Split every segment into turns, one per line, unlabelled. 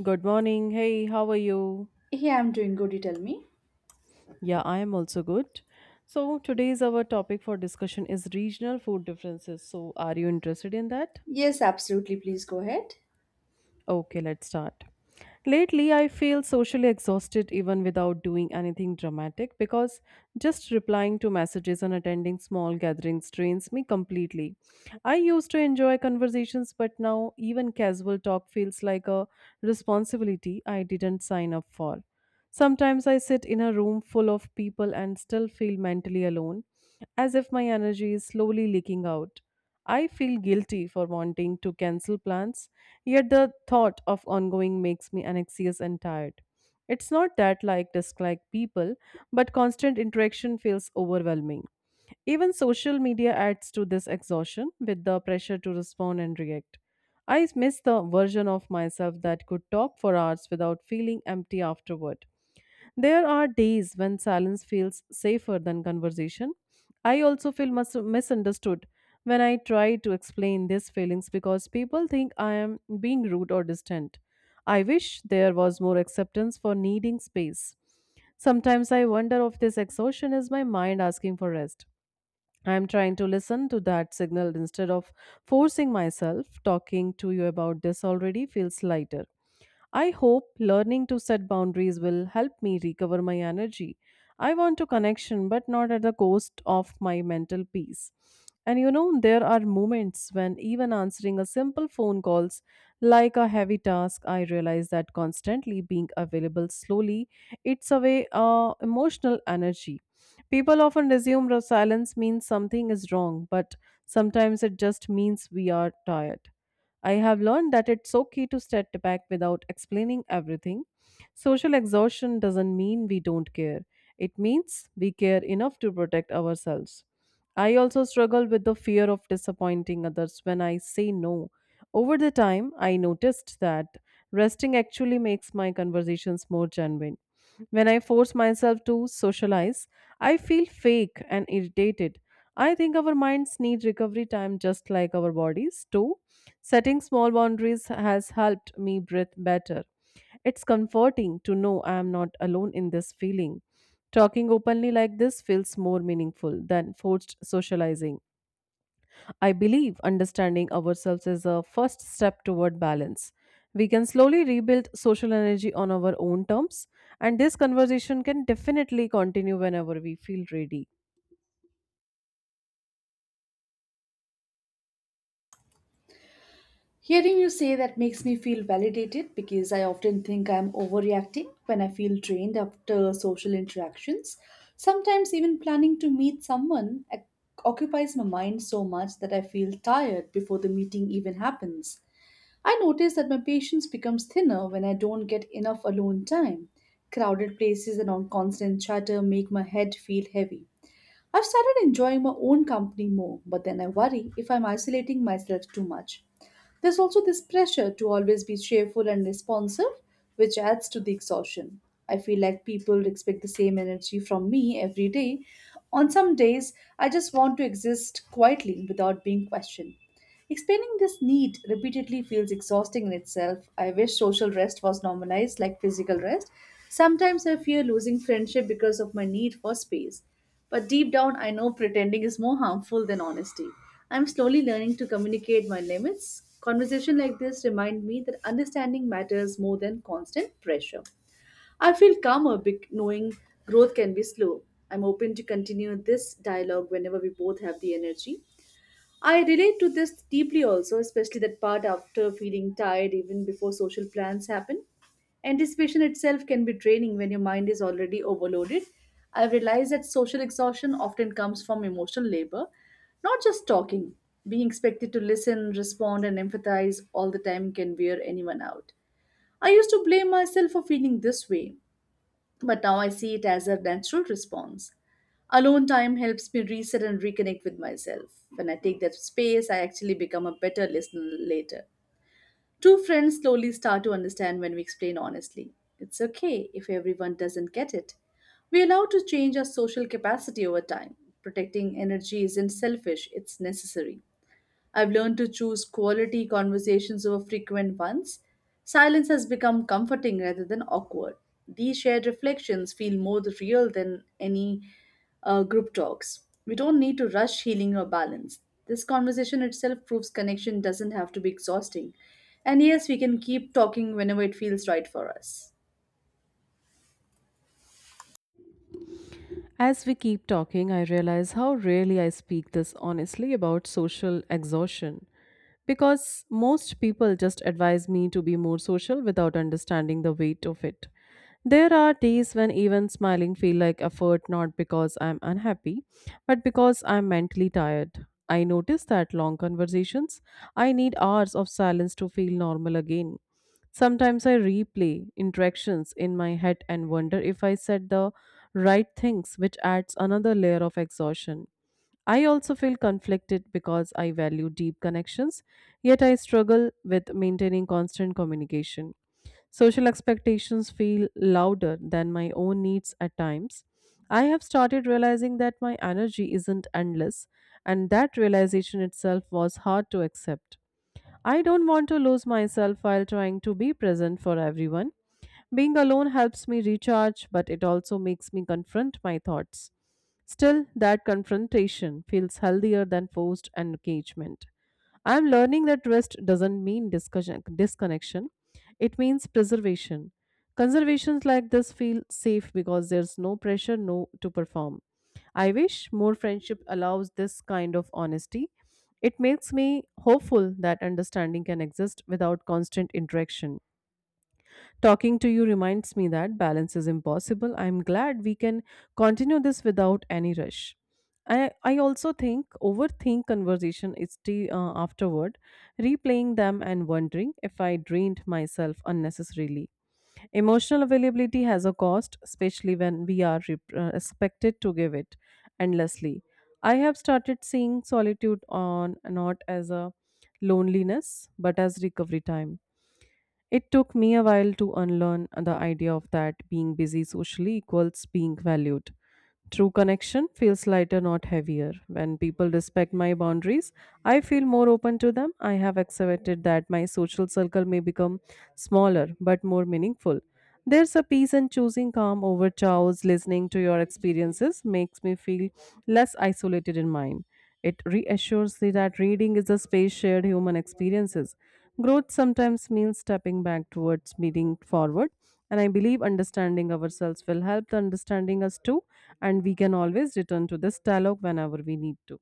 Good morning. Hey, how are you?
Hey, I'm doing good, you tell me?
Yeah, I am also good. So, today's our topic for discussion is regional food differences. So, are you interested in that?
Yes, absolutely. Please go ahead.
Okay, let's start. Lately, I feel socially exhausted even without doing anything dramatic because just replying to messages and attending small gatherings drains me completely. I used to enjoy conversations, but now even casual talk feels like a responsibility I didn't sign up for. Sometimes I sit in a room full of people and still feel mentally alone, as if my energy is slowly leaking out. I feel guilty for wanting to cancel plans. Yet the thought of ongoing makes me anxious and tired. It's not that like dislike people, but constant interaction feels overwhelming. Even social media adds to this exhaustion with the pressure to respond and react. I miss the version of myself that could talk for hours without feeling empty afterward. There are days when silence feels safer than conversation. I also feel misunderstood when I try to explain these feelings because people think I am being rude or distant. I wish there was more acceptance for needing space. Sometimes I wonder if this exhaustion is my mind asking for rest. I am trying to listen to that signal instead of forcing myself. Talking to you about this already feels lighter. I hope learning to set boundaries will help me recover my energy. I want to connection, but not at the cost of my mental peace. And you know, there are moments when even answering a simple phone calls like a heavy task, I realize that constantly being available slowly, it's away way emotional energy. People often assume that silence means something is wrong, but sometimes it just means we are tired. I have learned that it's so key to step back without explaining everything. Social exhaustion doesn't mean we don't care, it means we care enough to protect ourselves. I also struggle with the fear of disappointing others when I say no. Over the time, I noticed that resting actually makes my conversations more genuine. When I force myself to socialize, I feel fake and irritated. I think our minds need recovery time just like our bodies do. Setting small boundaries has helped me breathe better. It's comforting to know I am not alone in this feeling. Talking openly like this feels more meaningful than forced socializing. I believe understanding ourselves is a first step toward balance. We can slowly rebuild social energy on our own terms, and this conversation can definitely continue whenever we feel ready.
Hearing you say that makes me feel validated because I often think I'm overreacting when I feel drained after social interactions. Sometimes, even planning to meet occupies my mind so much that I feel tired before the meeting even happens. I notice that my patience becomes thinner when I don't get enough alone time. Crowded places and on constant chatter make my head feel heavy. I've started enjoying my own company more, but then I worry if I'm isolating myself too much. There's also this pressure to always be cheerful and responsive, which adds to the exhaustion. I feel like people expect the same energy from me every day. On some days, I just want to exist quietly without being questioned. Explaining this need repeatedly feels exhausting in itself. I wish social rest was normalized like physical rest. Sometimes I fear losing friendship because of my need for space. But deep down, I know pretending is more harmful than honesty. I'm slowly learning to communicate my limits. Conversation like this remind me that understanding matters more than constant pressure. I feel calmer knowing growth can be slow. I'm open to continue this dialogue whenever we both have the energy. I relate to this deeply also, especially that part after feeling tired even before social plans happen. Anticipation itself can be draining when your mind is already overloaded. I've realized that social exhaustion often comes from emotional labor, not just talking. Being expected to listen, respond, and empathize all the time can wear anyone out. I used to blame myself for feeling this way, but now I see it as a natural response. Alone time helps me reset and reconnect with myself. When I take that space, I actually become a better listener later. Two friends slowly start to understand when we explain honestly. It's okay if everyone doesn't get it. We allow to change our social capacity over time. Protecting energy isn't selfish, it's necessary. I've learned to choose quality conversations over frequent ones. Silence has become comforting rather than awkward. These shared reflections feel more real than any group talks. We don't need to rush healing or balance. This conversation itself proves connection doesn't have to be exhausting. And yes, we can keep talking whenever it feels right for us.
As we keep talking, I realize how rarely I speak this honestly about social exhaustion. Because most people just advise me to be more social without understanding the weight of it. There are days when even smiling feel like effort not because I'm unhappy, but because I'm mentally tired. I notice that long conversations, I need hours of silence to feel normal again. Sometimes I replay interactions in my head and wonder if I said the right things, which adds another layer of exhaustion. I also feel conflicted because I value deep connections, yet I struggle with maintaining constant communication. Social expectations feel louder than my own needs at times. I have started realizing that my energy isn't endless, and that realization itself was hard to accept. I don't want to lose myself while trying to be present for everyone. Being alone helps me recharge, but it also makes me confront my thoughts. Still, that confrontation feels healthier than forced engagement. I am learning that rest doesn't mean discussion, disconnection, it means preservation. Conservations like this feel safe because there's no pressure no to perform. I wish more friendship allows this kind of honesty, it makes me hopeful that understanding can exist without constant interaction. Talking to you reminds me that balance is impossible. I'm glad we can continue this without any rush. I also think overthink conversation is tea afterward, replaying them and wondering if I drained myself unnecessarily. Emotional availability has a cost, especially when we are expected to give it endlessly. I have started seeing solitude on not as a loneliness but as recovery time, it took me a while to unlearn the idea of that being busy socially equals being valued. True connection feels lighter, not heavier. When people respect my boundaries, I feel more open to them. I have accepted that my social circle may become smaller but more meaningful. There's a peace in choosing calm over chaos. Listening to your experiences makes me feel less isolated in mine. It reassures me that reading is a space shared human experiences. Growth sometimes means stepping back towards moving forward, and I believe understanding ourselves will help the understanding us too, and we can always return to this dialogue whenever we need to.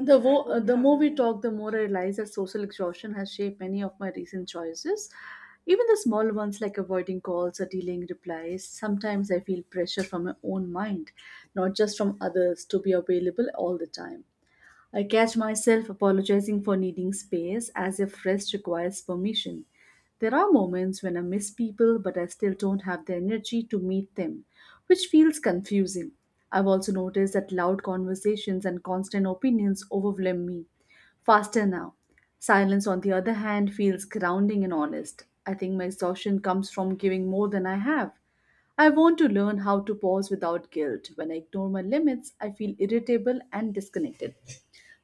The more we talk, the more I realize that social exhaustion has shaped many of my recent choices. Even the small ones like avoiding calls or delaying replies, sometimes I feel pressure from my own mind, not just from others, to be available all the time. I catch myself apologizing for needing space as if rest requires permission. There are moments when I miss people, but I still don't have the energy to meet them, which feels confusing. I've also noticed that loud conversations and constant opinions overwhelm me faster now. Silence, on the other hand, feels grounding and honest. I think my exhaustion comes from giving more than I have. I want to learn how to pause without guilt. When I ignore my limits, I feel irritable and disconnected.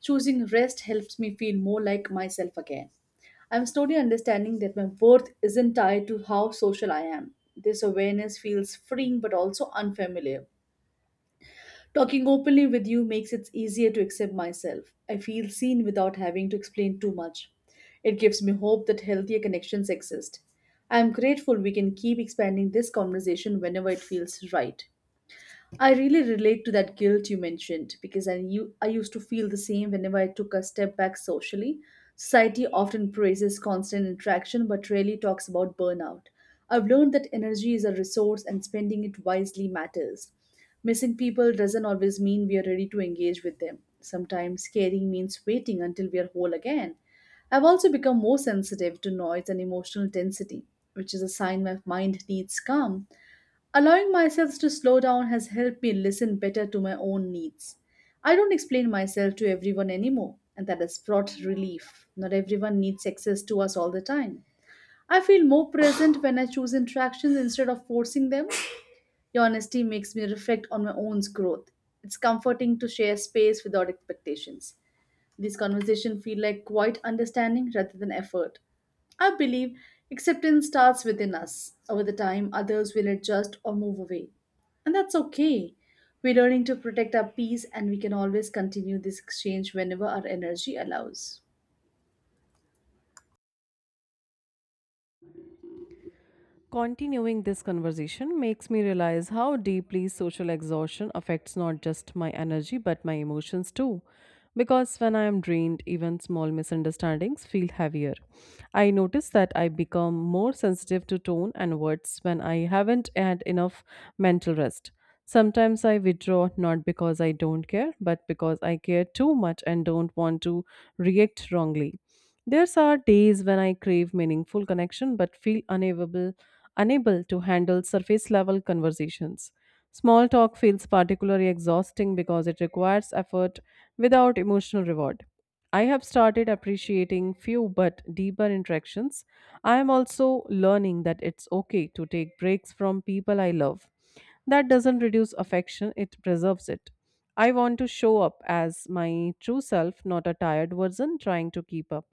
Choosing rest helps me feel more like myself again. I'm slowly understanding that my worth isn't tied to how social I am. This awareness feels freeing but also unfamiliar. Talking openly with you makes it easier to accept myself. I feel seen without having to explain too much. It gives me hope that healthier connections exist. I am grateful we can keep expanding this conversation whenever it feels right. I really relate to that guilt you mentioned because I used to feel the same whenever I took a step back socially. Society often praises constant interaction but rarely talks about burnout. I've learned that energy is a resource and spending it wisely matters. Missing people doesn't always mean we are ready to engage with them. Sometimes caring means waiting until we are whole again. I've also become more sensitive to noise and emotional density, which is a sign my mind needs calm. Allowing myself to slow down has helped me listen better to my own needs. I don't explain myself to everyone anymore, and that has brought relief. Not everyone needs access to us all the time. I feel more present when I choose interactions instead of forcing them. Your honesty makes me reflect on my own growth. It's comforting to share space without expectations. These conversations feel like quite understanding rather than effort. I believe acceptance starts within us. Over the time, others will adjust or move away. And that's okay. We're learning to protect our peace, and we can always continue this exchange whenever our energy allows.
Continuing this conversation makes me realize how deeply social exhaustion affects not just my energy but my emotions too. Because when I am drained, even small misunderstandings feel heavier. I notice that I become more sensitive to tone and words when I haven't had enough mental rest. Sometimes I withdraw not because I don't care, but because I care too much and don't want to react wrongly. There are days when I crave meaningful connection but feel unable to handle surface level conversations. Small talk feels particularly exhausting because it requires effort without emotional reward. I have started appreciating few but deeper interactions. I am also learning that it's okay to take breaks from people I love. That doesn't reduce affection, it preserves it. I want to show up as my true self, not a tired version trying to keep up.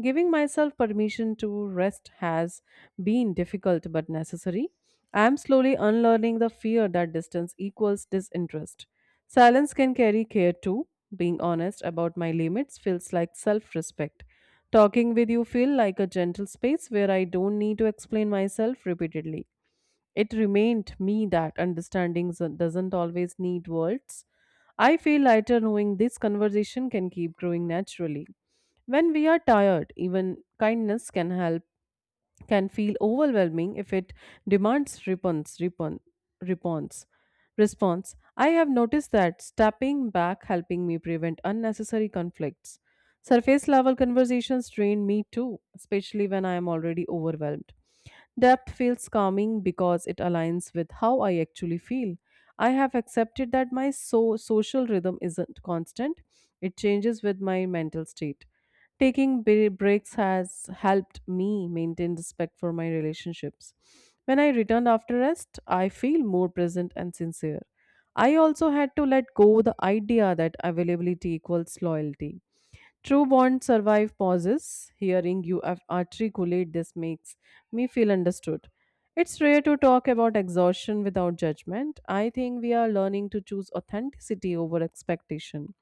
Giving myself permission to rest has been difficult but necessary. I am slowly unlearning the fear that distance equals disinterest. Silence can carry care too. Being honest about my limits feels like self respect. Talking with you feels like a gentle space where I don't need to explain myself repeatedly. It remained me that understanding doesn't always need words. I feel lighter knowing this conversation can keep growing naturally. When we are tired, even kindness can help, can feel overwhelming if it demands response. I have noticed that stepping back helping me prevent unnecessary conflicts. Surface level conversations drain me too, especially when I am already overwhelmed. Depth feels calming because it aligns with how I actually feel. I have accepted that my social rhythm isn't constant, it changes with my mental state. Taking breaks has helped me maintain respect for my relationships. When I returned after rest, I feel more present and sincere. I also had to let go the idea that availability equals loyalty. True bonds survive pauses. Hearing you articulate this makes me feel understood. It's rare to talk about exhaustion without judgment. I think we are learning to choose authenticity over expectation.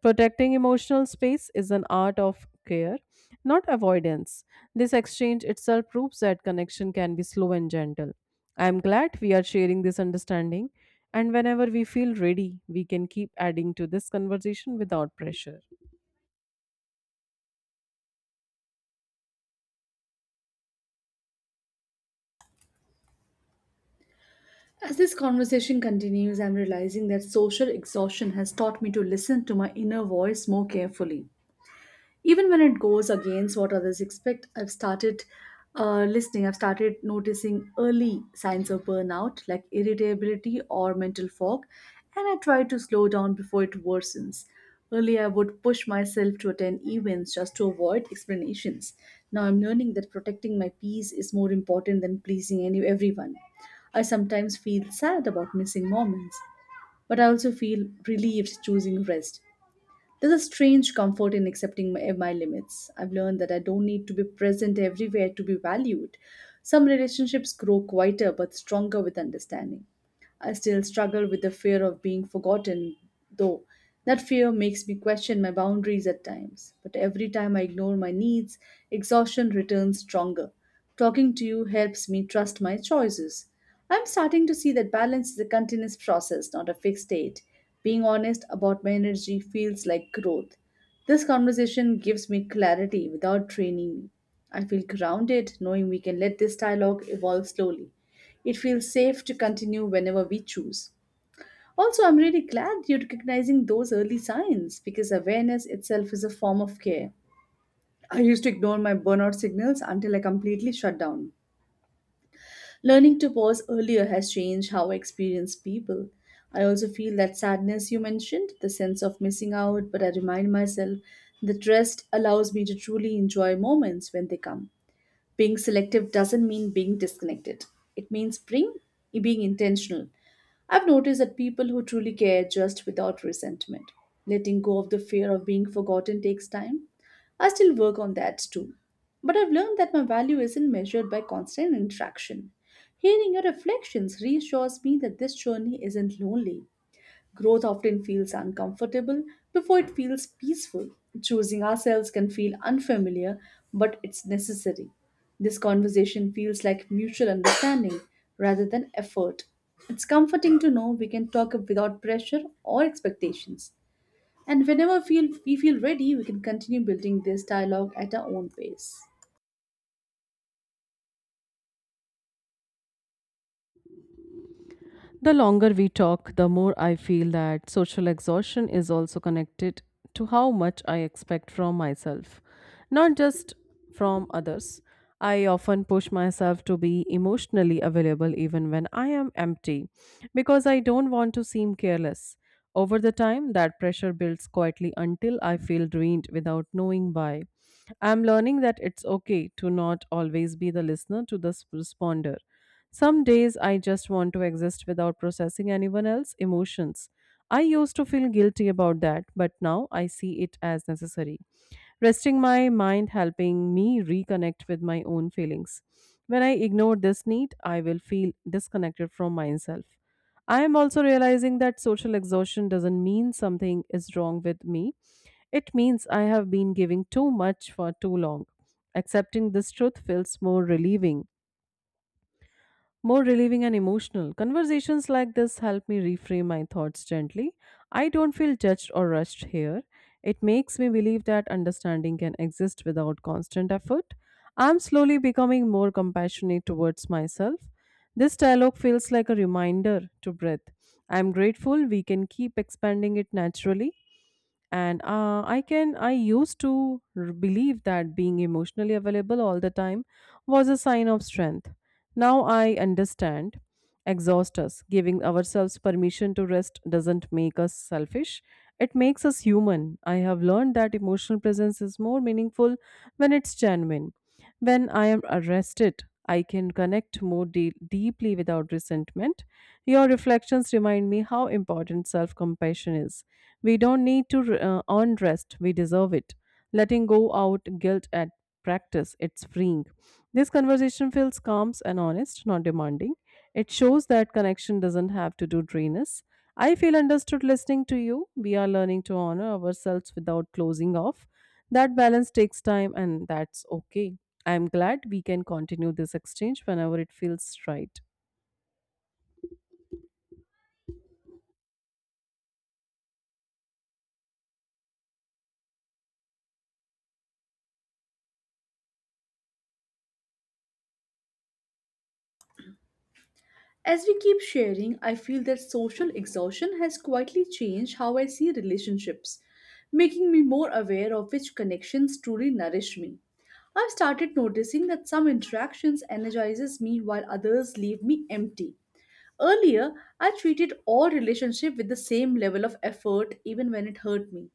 Protecting emotional space is an art of care, not avoidance. This exchange itself proves that connection can be slow and gentle. I am glad we are sharing this understanding, and whenever we feel ready, we can keep adding to this conversation without pressure.
As this conversation continues, I'm realizing that social exhaustion has taught me to listen to my inner voice more carefully. Even when it goes against what others expect, I've started noticing early signs of burnout like irritability or mental fog, and I try to slow down before it worsens. Earlier I would push myself to attend events just to avoid explanations. Now I'm learning that protecting my peace is more important than pleasing any everyone. I sometimes feel sad about missing moments, but I also feel relieved choosing rest. There's a strange comfort in accepting my limits. I've learned that I don't need to be present everywhere to be valued. Some relationships grow quieter but stronger with understanding. I still struggle with the fear of being forgotten, though. That fear makes me question my boundaries at times. But every time I ignore my needs, exhaustion returns stronger. Talking to you helps me trust my choices. I'm starting to see that balance is a continuous process, not a fixed state. Being honest about my energy feels like growth. This conversation gives me clarity without training me. I feel grounded knowing we can let this dialogue evolve slowly. It feels safe to continue whenever we choose. Also, I'm really glad you're recognizing those early signs because awareness itself is a form of care. I used to ignore my burnout signals until I completely shut down. Learning to pause earlier has changed how I experience people. I also feel that sadness you mentioned, the sense of missing out, but I remind myself that rest allows me to truly enjoy moments when they come. Being selective doesn't mean being disconnected. It means being intentional. I've noticed that people who truly care just without resentment. Letting go of the fear of being forgotten takes time. I still work on that too. But I've learned that my value isn't measured by constant interaction. Hearing your reflections reassures me that this journey isn't lonely. Growth often feels uncomfortable before it feels peaceful. Choosing ourselves can feel unfamiliar, but it's necessary. This conversation feels like mutual understanding rather than effort. It's comforting to know we can talk without pressure or expectations. And whenever we feel ready, we can continue building this dialogue at our own pace.
The longer we talk, the more I feel that social exhaustion is also connected to how much I expect from myself, not just from others. I often push myself to be emotionally available even when I am empty because I don't want to seem careless. Over the time, that pressure builds quietly until I feel drained without knowing why. I'm learning that it's okay to not always be the listener to the responder. Some days I just want to exist without processing anyone else's emotions. I used to feel guilty about that, but now I see it as necessary. Resting my mind helping me reconnect with my own feelings. When I ignore this need, I will feel disconnected from myself. I am also realizing that social exhaustion doesn't mean something is wrong with me. It means I have been giving too much for too long. Accepting this truth feels more relieving. More relieving and emotional. Conversations like this help me reframe my thoughts gently. I don't feel judged or rushed here. It makes me believe that understanding can exist without constant effort. I'm slowly becoming more compassionate towards myself. This dialogue feels like a reminder to breathe. I'm grateful we can keep expanding it naturally, and I can I used to believe that being emotionally available all the time was a sign of strength. Now I understand exhaust us, giving ourselves permission to rest doesn't make us selfish, it makes us human. I have learned that emotional presence is more meaningful when it's genuine. When I am arrested, I can connect more deeply without resentment. Your reflections remind me how important self compassion is. We don't need to earn rest, we deserve it. Letting go out guilt at practice, it's freeing. This conversation feels calm and honest, not demanding. It shows that connection doesn't have to do drain us. I feel understood listening to you. We are learning to honor ourselves without closing off. That balance takes time, and that's okay. I'm glad we can continue this exchange whenever it feels right.
As we keep sharing, I feel that social exhaustion has quietly changed how I see relationships, making me more aware of which connections truly nourish me. I've started noticing that some interactions energizes me while others leave me empty. Earlier, I treated all relationship with the same level of effort even when it hurt me.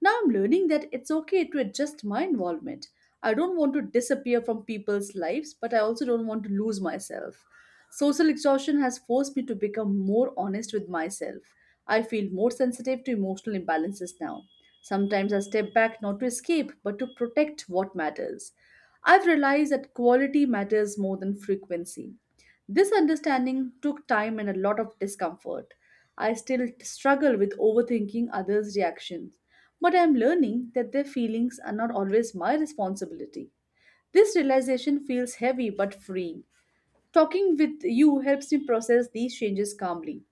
Now I'm learning that it's okay to adjust my involvement. I don't want to disappear from people's lives, but I also don't want to lose myself. Social exhaustion has forced me to become more honest with myself. I feel more sensitive to emotional imbalances now. Sometimes I step back not to escape, but to protect what matters. I've realized that quality matters more than frequency. This understanding took time and a lot of discomfort. I still struggle with overthinking others' reactions, but I am learning that their feelings are not always my responsibility. This realization feels heavy but freeing. Talking with you helps me process these changes calmly.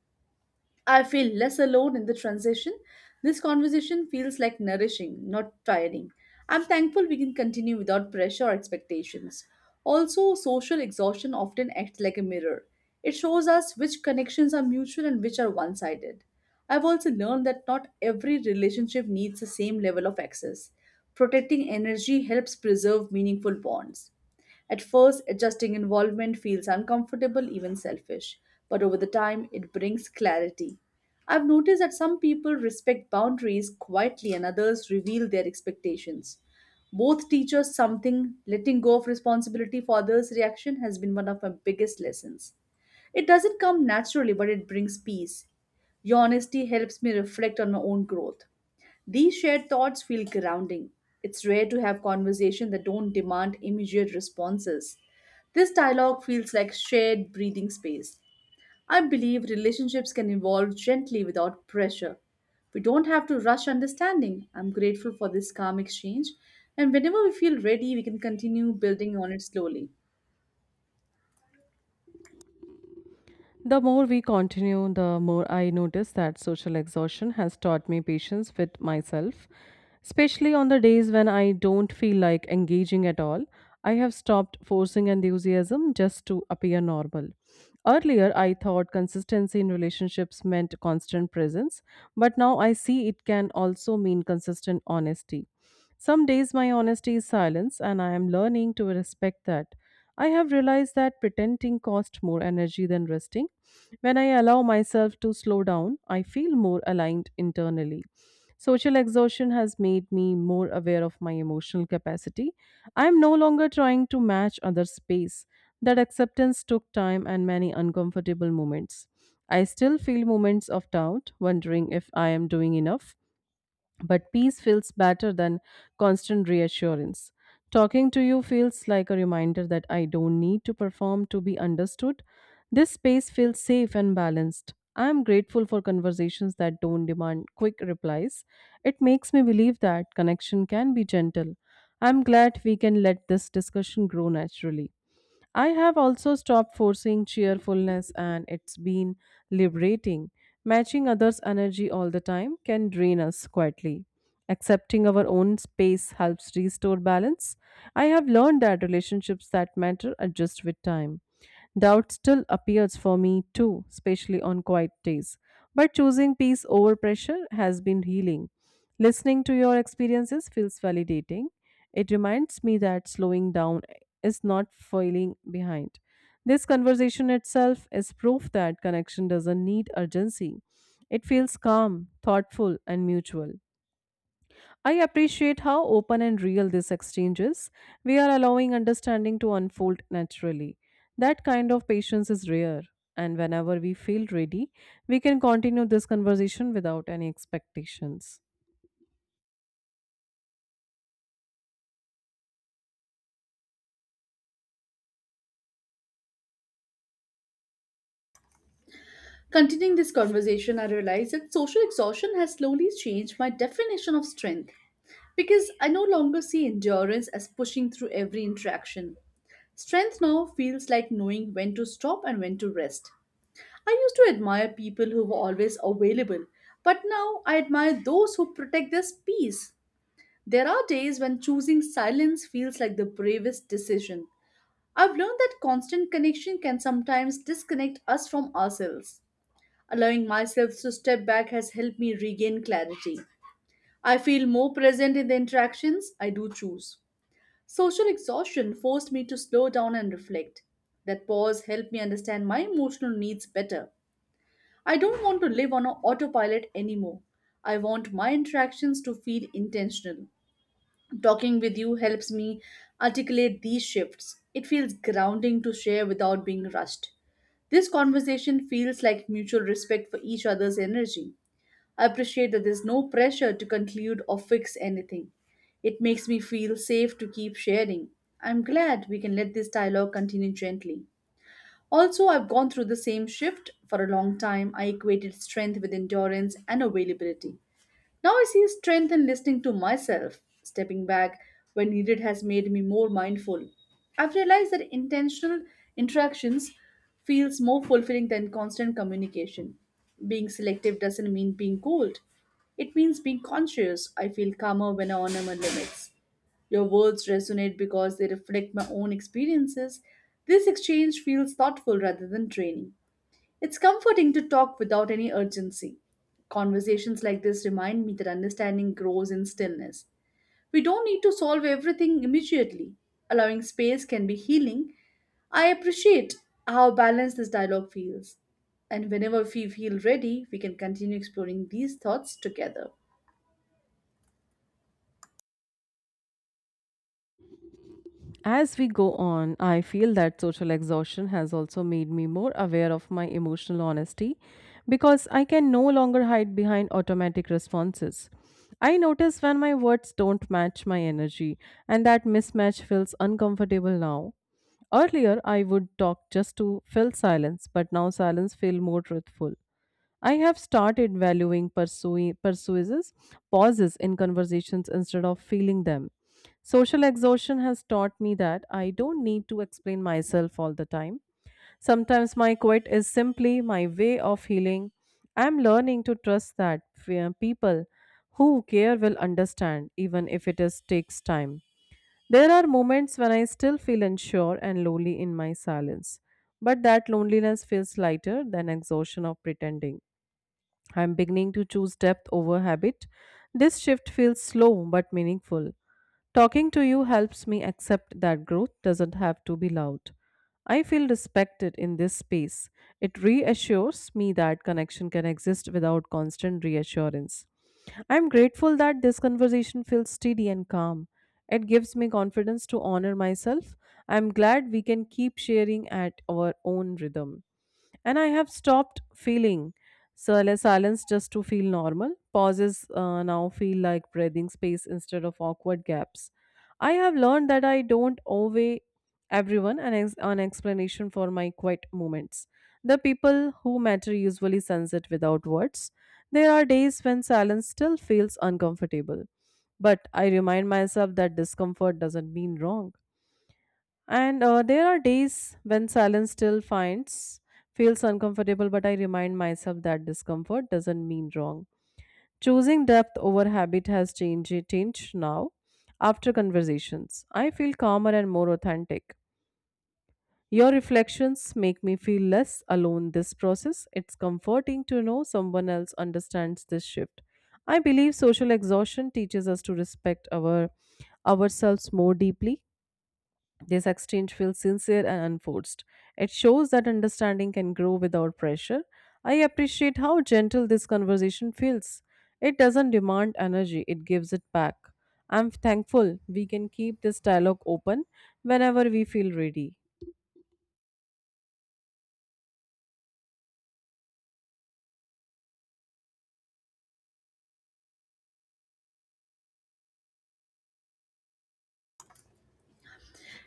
I feel less alone in the transition. This conversation feels like nourishing, not tiring. I'm thankful we can continue without pressure or expectations. Also, social exhaustion often acts like a mirror. It shows us which connections are mutual and which are one sided. I've also learned that not every relationship needs the same level of access. Protecting energy helps preserve meaningful bonds. At first, adjusting involvement feels uncomfortable, even selfish, but over the time, it brings clarity. I've noticed that some people respect boundaries quietly and others reveal their expectations. Both teach us something. Letting go of responsibility for others' reaction has been one of my biggest lessons. It doesn't come naturally, but it brings peace. Your honesty helps me reflect on my own growth. These shared thoughts feel grounding. It's rare to have conversations that don't demand immediate responses. This dialogue feels like shared breathing space. I believe relationships can evolve gently without pressure. We don't have to rush understanding. I'm grateful for this calm exchange, and whenever we feel ready, we can continue building on it slowly.
The more we continue, the more I notice that social exhaustion has taught me patience with myself. Especially on the days when I don't feel like engaging at all, I have stopped forcing enthusiasm just to appear normal. Earlier, I thought consistency in relationships meant constant presence, but now I see it can also mean consistent honesty. Some days my honesty is silence, and I am learning to respect that. I have realized that pretending costs more energy than resting. When I allow myself to slow down, I feel more aligned internally. Social exhaustion has made me more aware of my emotional capacity. I am no longer trying to match other space. That acceptance took time and many uncomfortable moments. I still feel moments of doubt, wondering if I am doing enough, but peace feels better than constant reassurance. Talking to you feels like a reminder that I don't need to perform to be understood. This space feels safe and balanced. I am grateful for conversations that don't demand quick replies. It makes me believe that connection can be gentle. I'm glad we can let this discussion grow naturally. I have also stopped forcing cheerfulness, and it's been liberating. Matching others' energy all the time can drain us quietly. Accepting our own space helps restore balance. I have learned that relationships that matter adjust with time. Doubt still appears for me too, especially on quiet days. But choosing peace over pressure has been healing. Listening to your experiences feels validating. It reminds me that slowing down is not falling behind. This conversation itself is proof that connection doesn't need urgency. It feels calm, thoughtful, and mutual. I appreciate how open and real this exchange is. We are allowing understanding to unfold naturally. That kind of patience is rare, and whenever we feel ready, we can continue this conversation without any expectations.
Continuing this conversation, I realized that social exhaustion has slowly changed my definition of strength. Because I no longer see endurance as pushing through every interaction. Strength now feels like knowing when to stop and when to rest. I used to admire people who were always available, but now I admire those who protect their peace. There are days when choosing silence feels like the bravest decision. I've learned that constant connection can sometimes disconnect us from ourselves. Allowing myself to step back has helped me regain clarity. I feel more present in the interactions I do choose. Social exhaustion forced me to slow down and reflect. That pause helped me understand my emotional needs better. I don't want to live on autopilot anymore. I want my interactions to feel intentional. Talking with you helps me articulate these shifts. It feels grounding to share without being rushed. This conversation feels like mutual respect for each other's energy. I appreciate that there's no pressure to conclude or fix anything. It makes me feel safe to keep sharing. I'm glad we can let this dialogue continue gently. Also, I've gone through the same shift for a long time. I equated strength with endurance and availability. Now I see strength in listening to myself. Stepping back when needed has made me more mindful. I've realized that intentional interactions feels more fulfilling than constant communication. Being selective doesn't mean being cold. It means being conscious. I feel calmer when I honor my limits. Your words resonate because they reflect my own experiences. This exchange feels thoughtful rather than draining. It's comforting to talk without any urgency. Conversations like this remind me that understanding grows in stillness. We don't need to solve everything immediately. Allowing space can be healing. I appreciate how balanced this dialogue feels. And whenever we feel ready, we can continue exploring these thoughts together.
As we go on, I feel that social exhaustion has also made me more aware of my emotional honesty because I can no longer hide behind automatic responses. I notice when my words don't match my energy, and that mismatch feels uncomfortable now. Earlier, I would talk just to fill silence, but now silence feels more truthful. I have started valuing pauses in conversations instead of feeling them. Social exhaustion has taught me that I don't need to explain myself all the time. Sometimes my quit is simply my way of healing. I'm learning to trust that people who care will understand, even if takes time. There are moments when I still feel unsure and lonely in my silence, but that loneliness feels lighter than exhaustion of pretending. I'm beginning to choose depth over habit. This shift feels slow but meaningful. Talking to you helps me accept that growth doesn't have to be loud. I feel respected in this space. It reassures me that connection can exist without constant reassurance. I'm grateful that this conversation feels steady and calm. It gives me confidence to honor myself. I'm glad we can keep sharing at our own rhythm. And I have stopped feeling Sirless silence just to feel normal. Pauses now feel like breathing space instead of awkward gaps. I have learned that I don't owe everyone an explanation for my quiet moments. The people who matter usually sense it without words. There are days when silence still feels uncomfortable, but I remind myself that discomfort doesn't mean wrong. And there are days when silence still finds feels uncomfortable, but I remind myself that discomfort doesn't mean wrong. Choosing depth over habit has changed now. After conversations, I feel calmer and more authentic. Your reflections make me feel less alone this process. It's comforting to know someone else understands this shift. I believe social exhaustion teaches us to respect ourselves more deeply. This exchange feels sincere and unforced. It shows that understanding can grow without pressure. I appreciate how gentle this conversation feels. It doesn't demand energy, it gives it back. I'm thankful we can keep this dialogue open whenever we feel ready.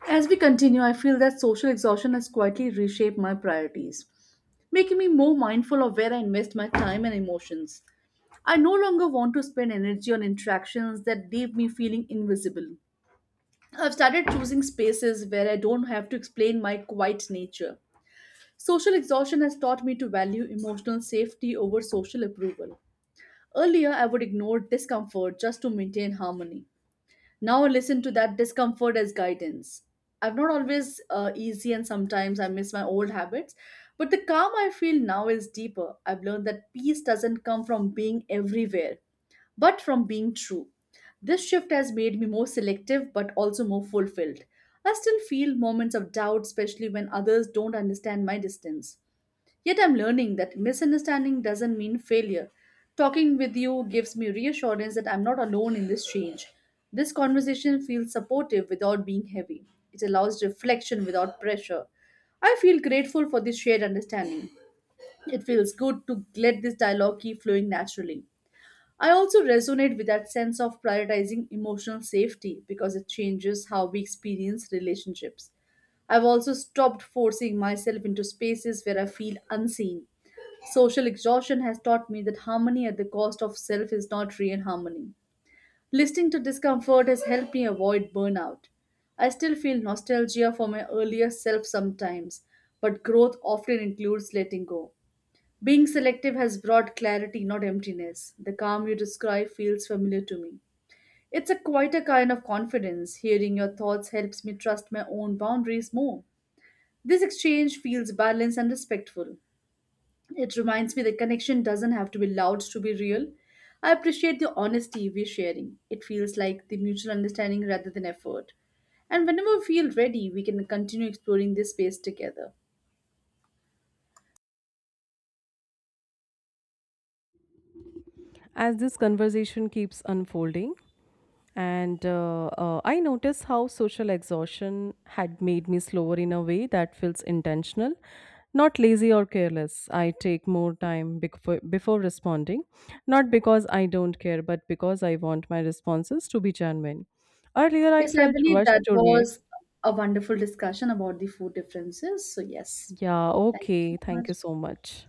As we continue, I feel that social exhaustion has quietly reshaped my priorities, making me more mindful of where I invest my time and emotions. I no longer want to spend energy on interactions that leave me feeling invisible. I've started choosing spaces where I don't have to explain my quiet nature. Social exhaustion has taught me to value emotional safety over social approval. Earlier, I would ignore discomfort just to maintain harmony. Now listen to that discomfort as guidance. I'm not always easy, and sometimes I miss my old habits. But the calm I feel now is deeper. I've learned that peace doesn't come from being everywhere, but from being true. This shift has made me more selective but also more fulfilled. I still feel moments of doubt, especially when others don't understand my distance. Yet I'm learning that misunderstanding doesn't mean failure. Talking with you gives me reassurance that I'm not alone in this change. This conversation feels supportive without being heavy. It allows reflection without pressure. I feel grateful for this shared understanding. It feels good to let this dialogue keep flowing naturally. I also resonate with that sense of prioritizing emotional safety because it changes how we experience relationships. I've also stopped forcing myself into spaces where I feel unseen. Social exhaustion has taught me that harmony at the cost of self is not real harmony. Listening to discomfort has helped me avoid burnout. I still feel nostalgia for my earlier self sometimes, but growth often includes letting go. Being selective has brought clarity, not emptiness. The calm you describe feels familiar to me. It's a quieter kind of confidence. Hearing your thoughts helps me trust my own boundaries more. This exchange feels balanced and respectful. It reminds me that connection doesn't have to be loud to be real. I appreciate the honesty we're sharing. It feels like the mutual understanding rather than effort. And whenever we feel ready, we can continue exploring this space together.
As this conversation keeps unfolding, And I noticed how social exhaustion had made me slower in a way that feels intentional, not lazy or careless. I take more time before responding, not because I don't care, but because I want my responses to be genuine. Earlier, I
Yes, I
felt
believe
rushed
that
to react.
was a wonderful discussion about the food differences. So, yes,
Yeah,
thank you so
okay, thank
much.
you so much.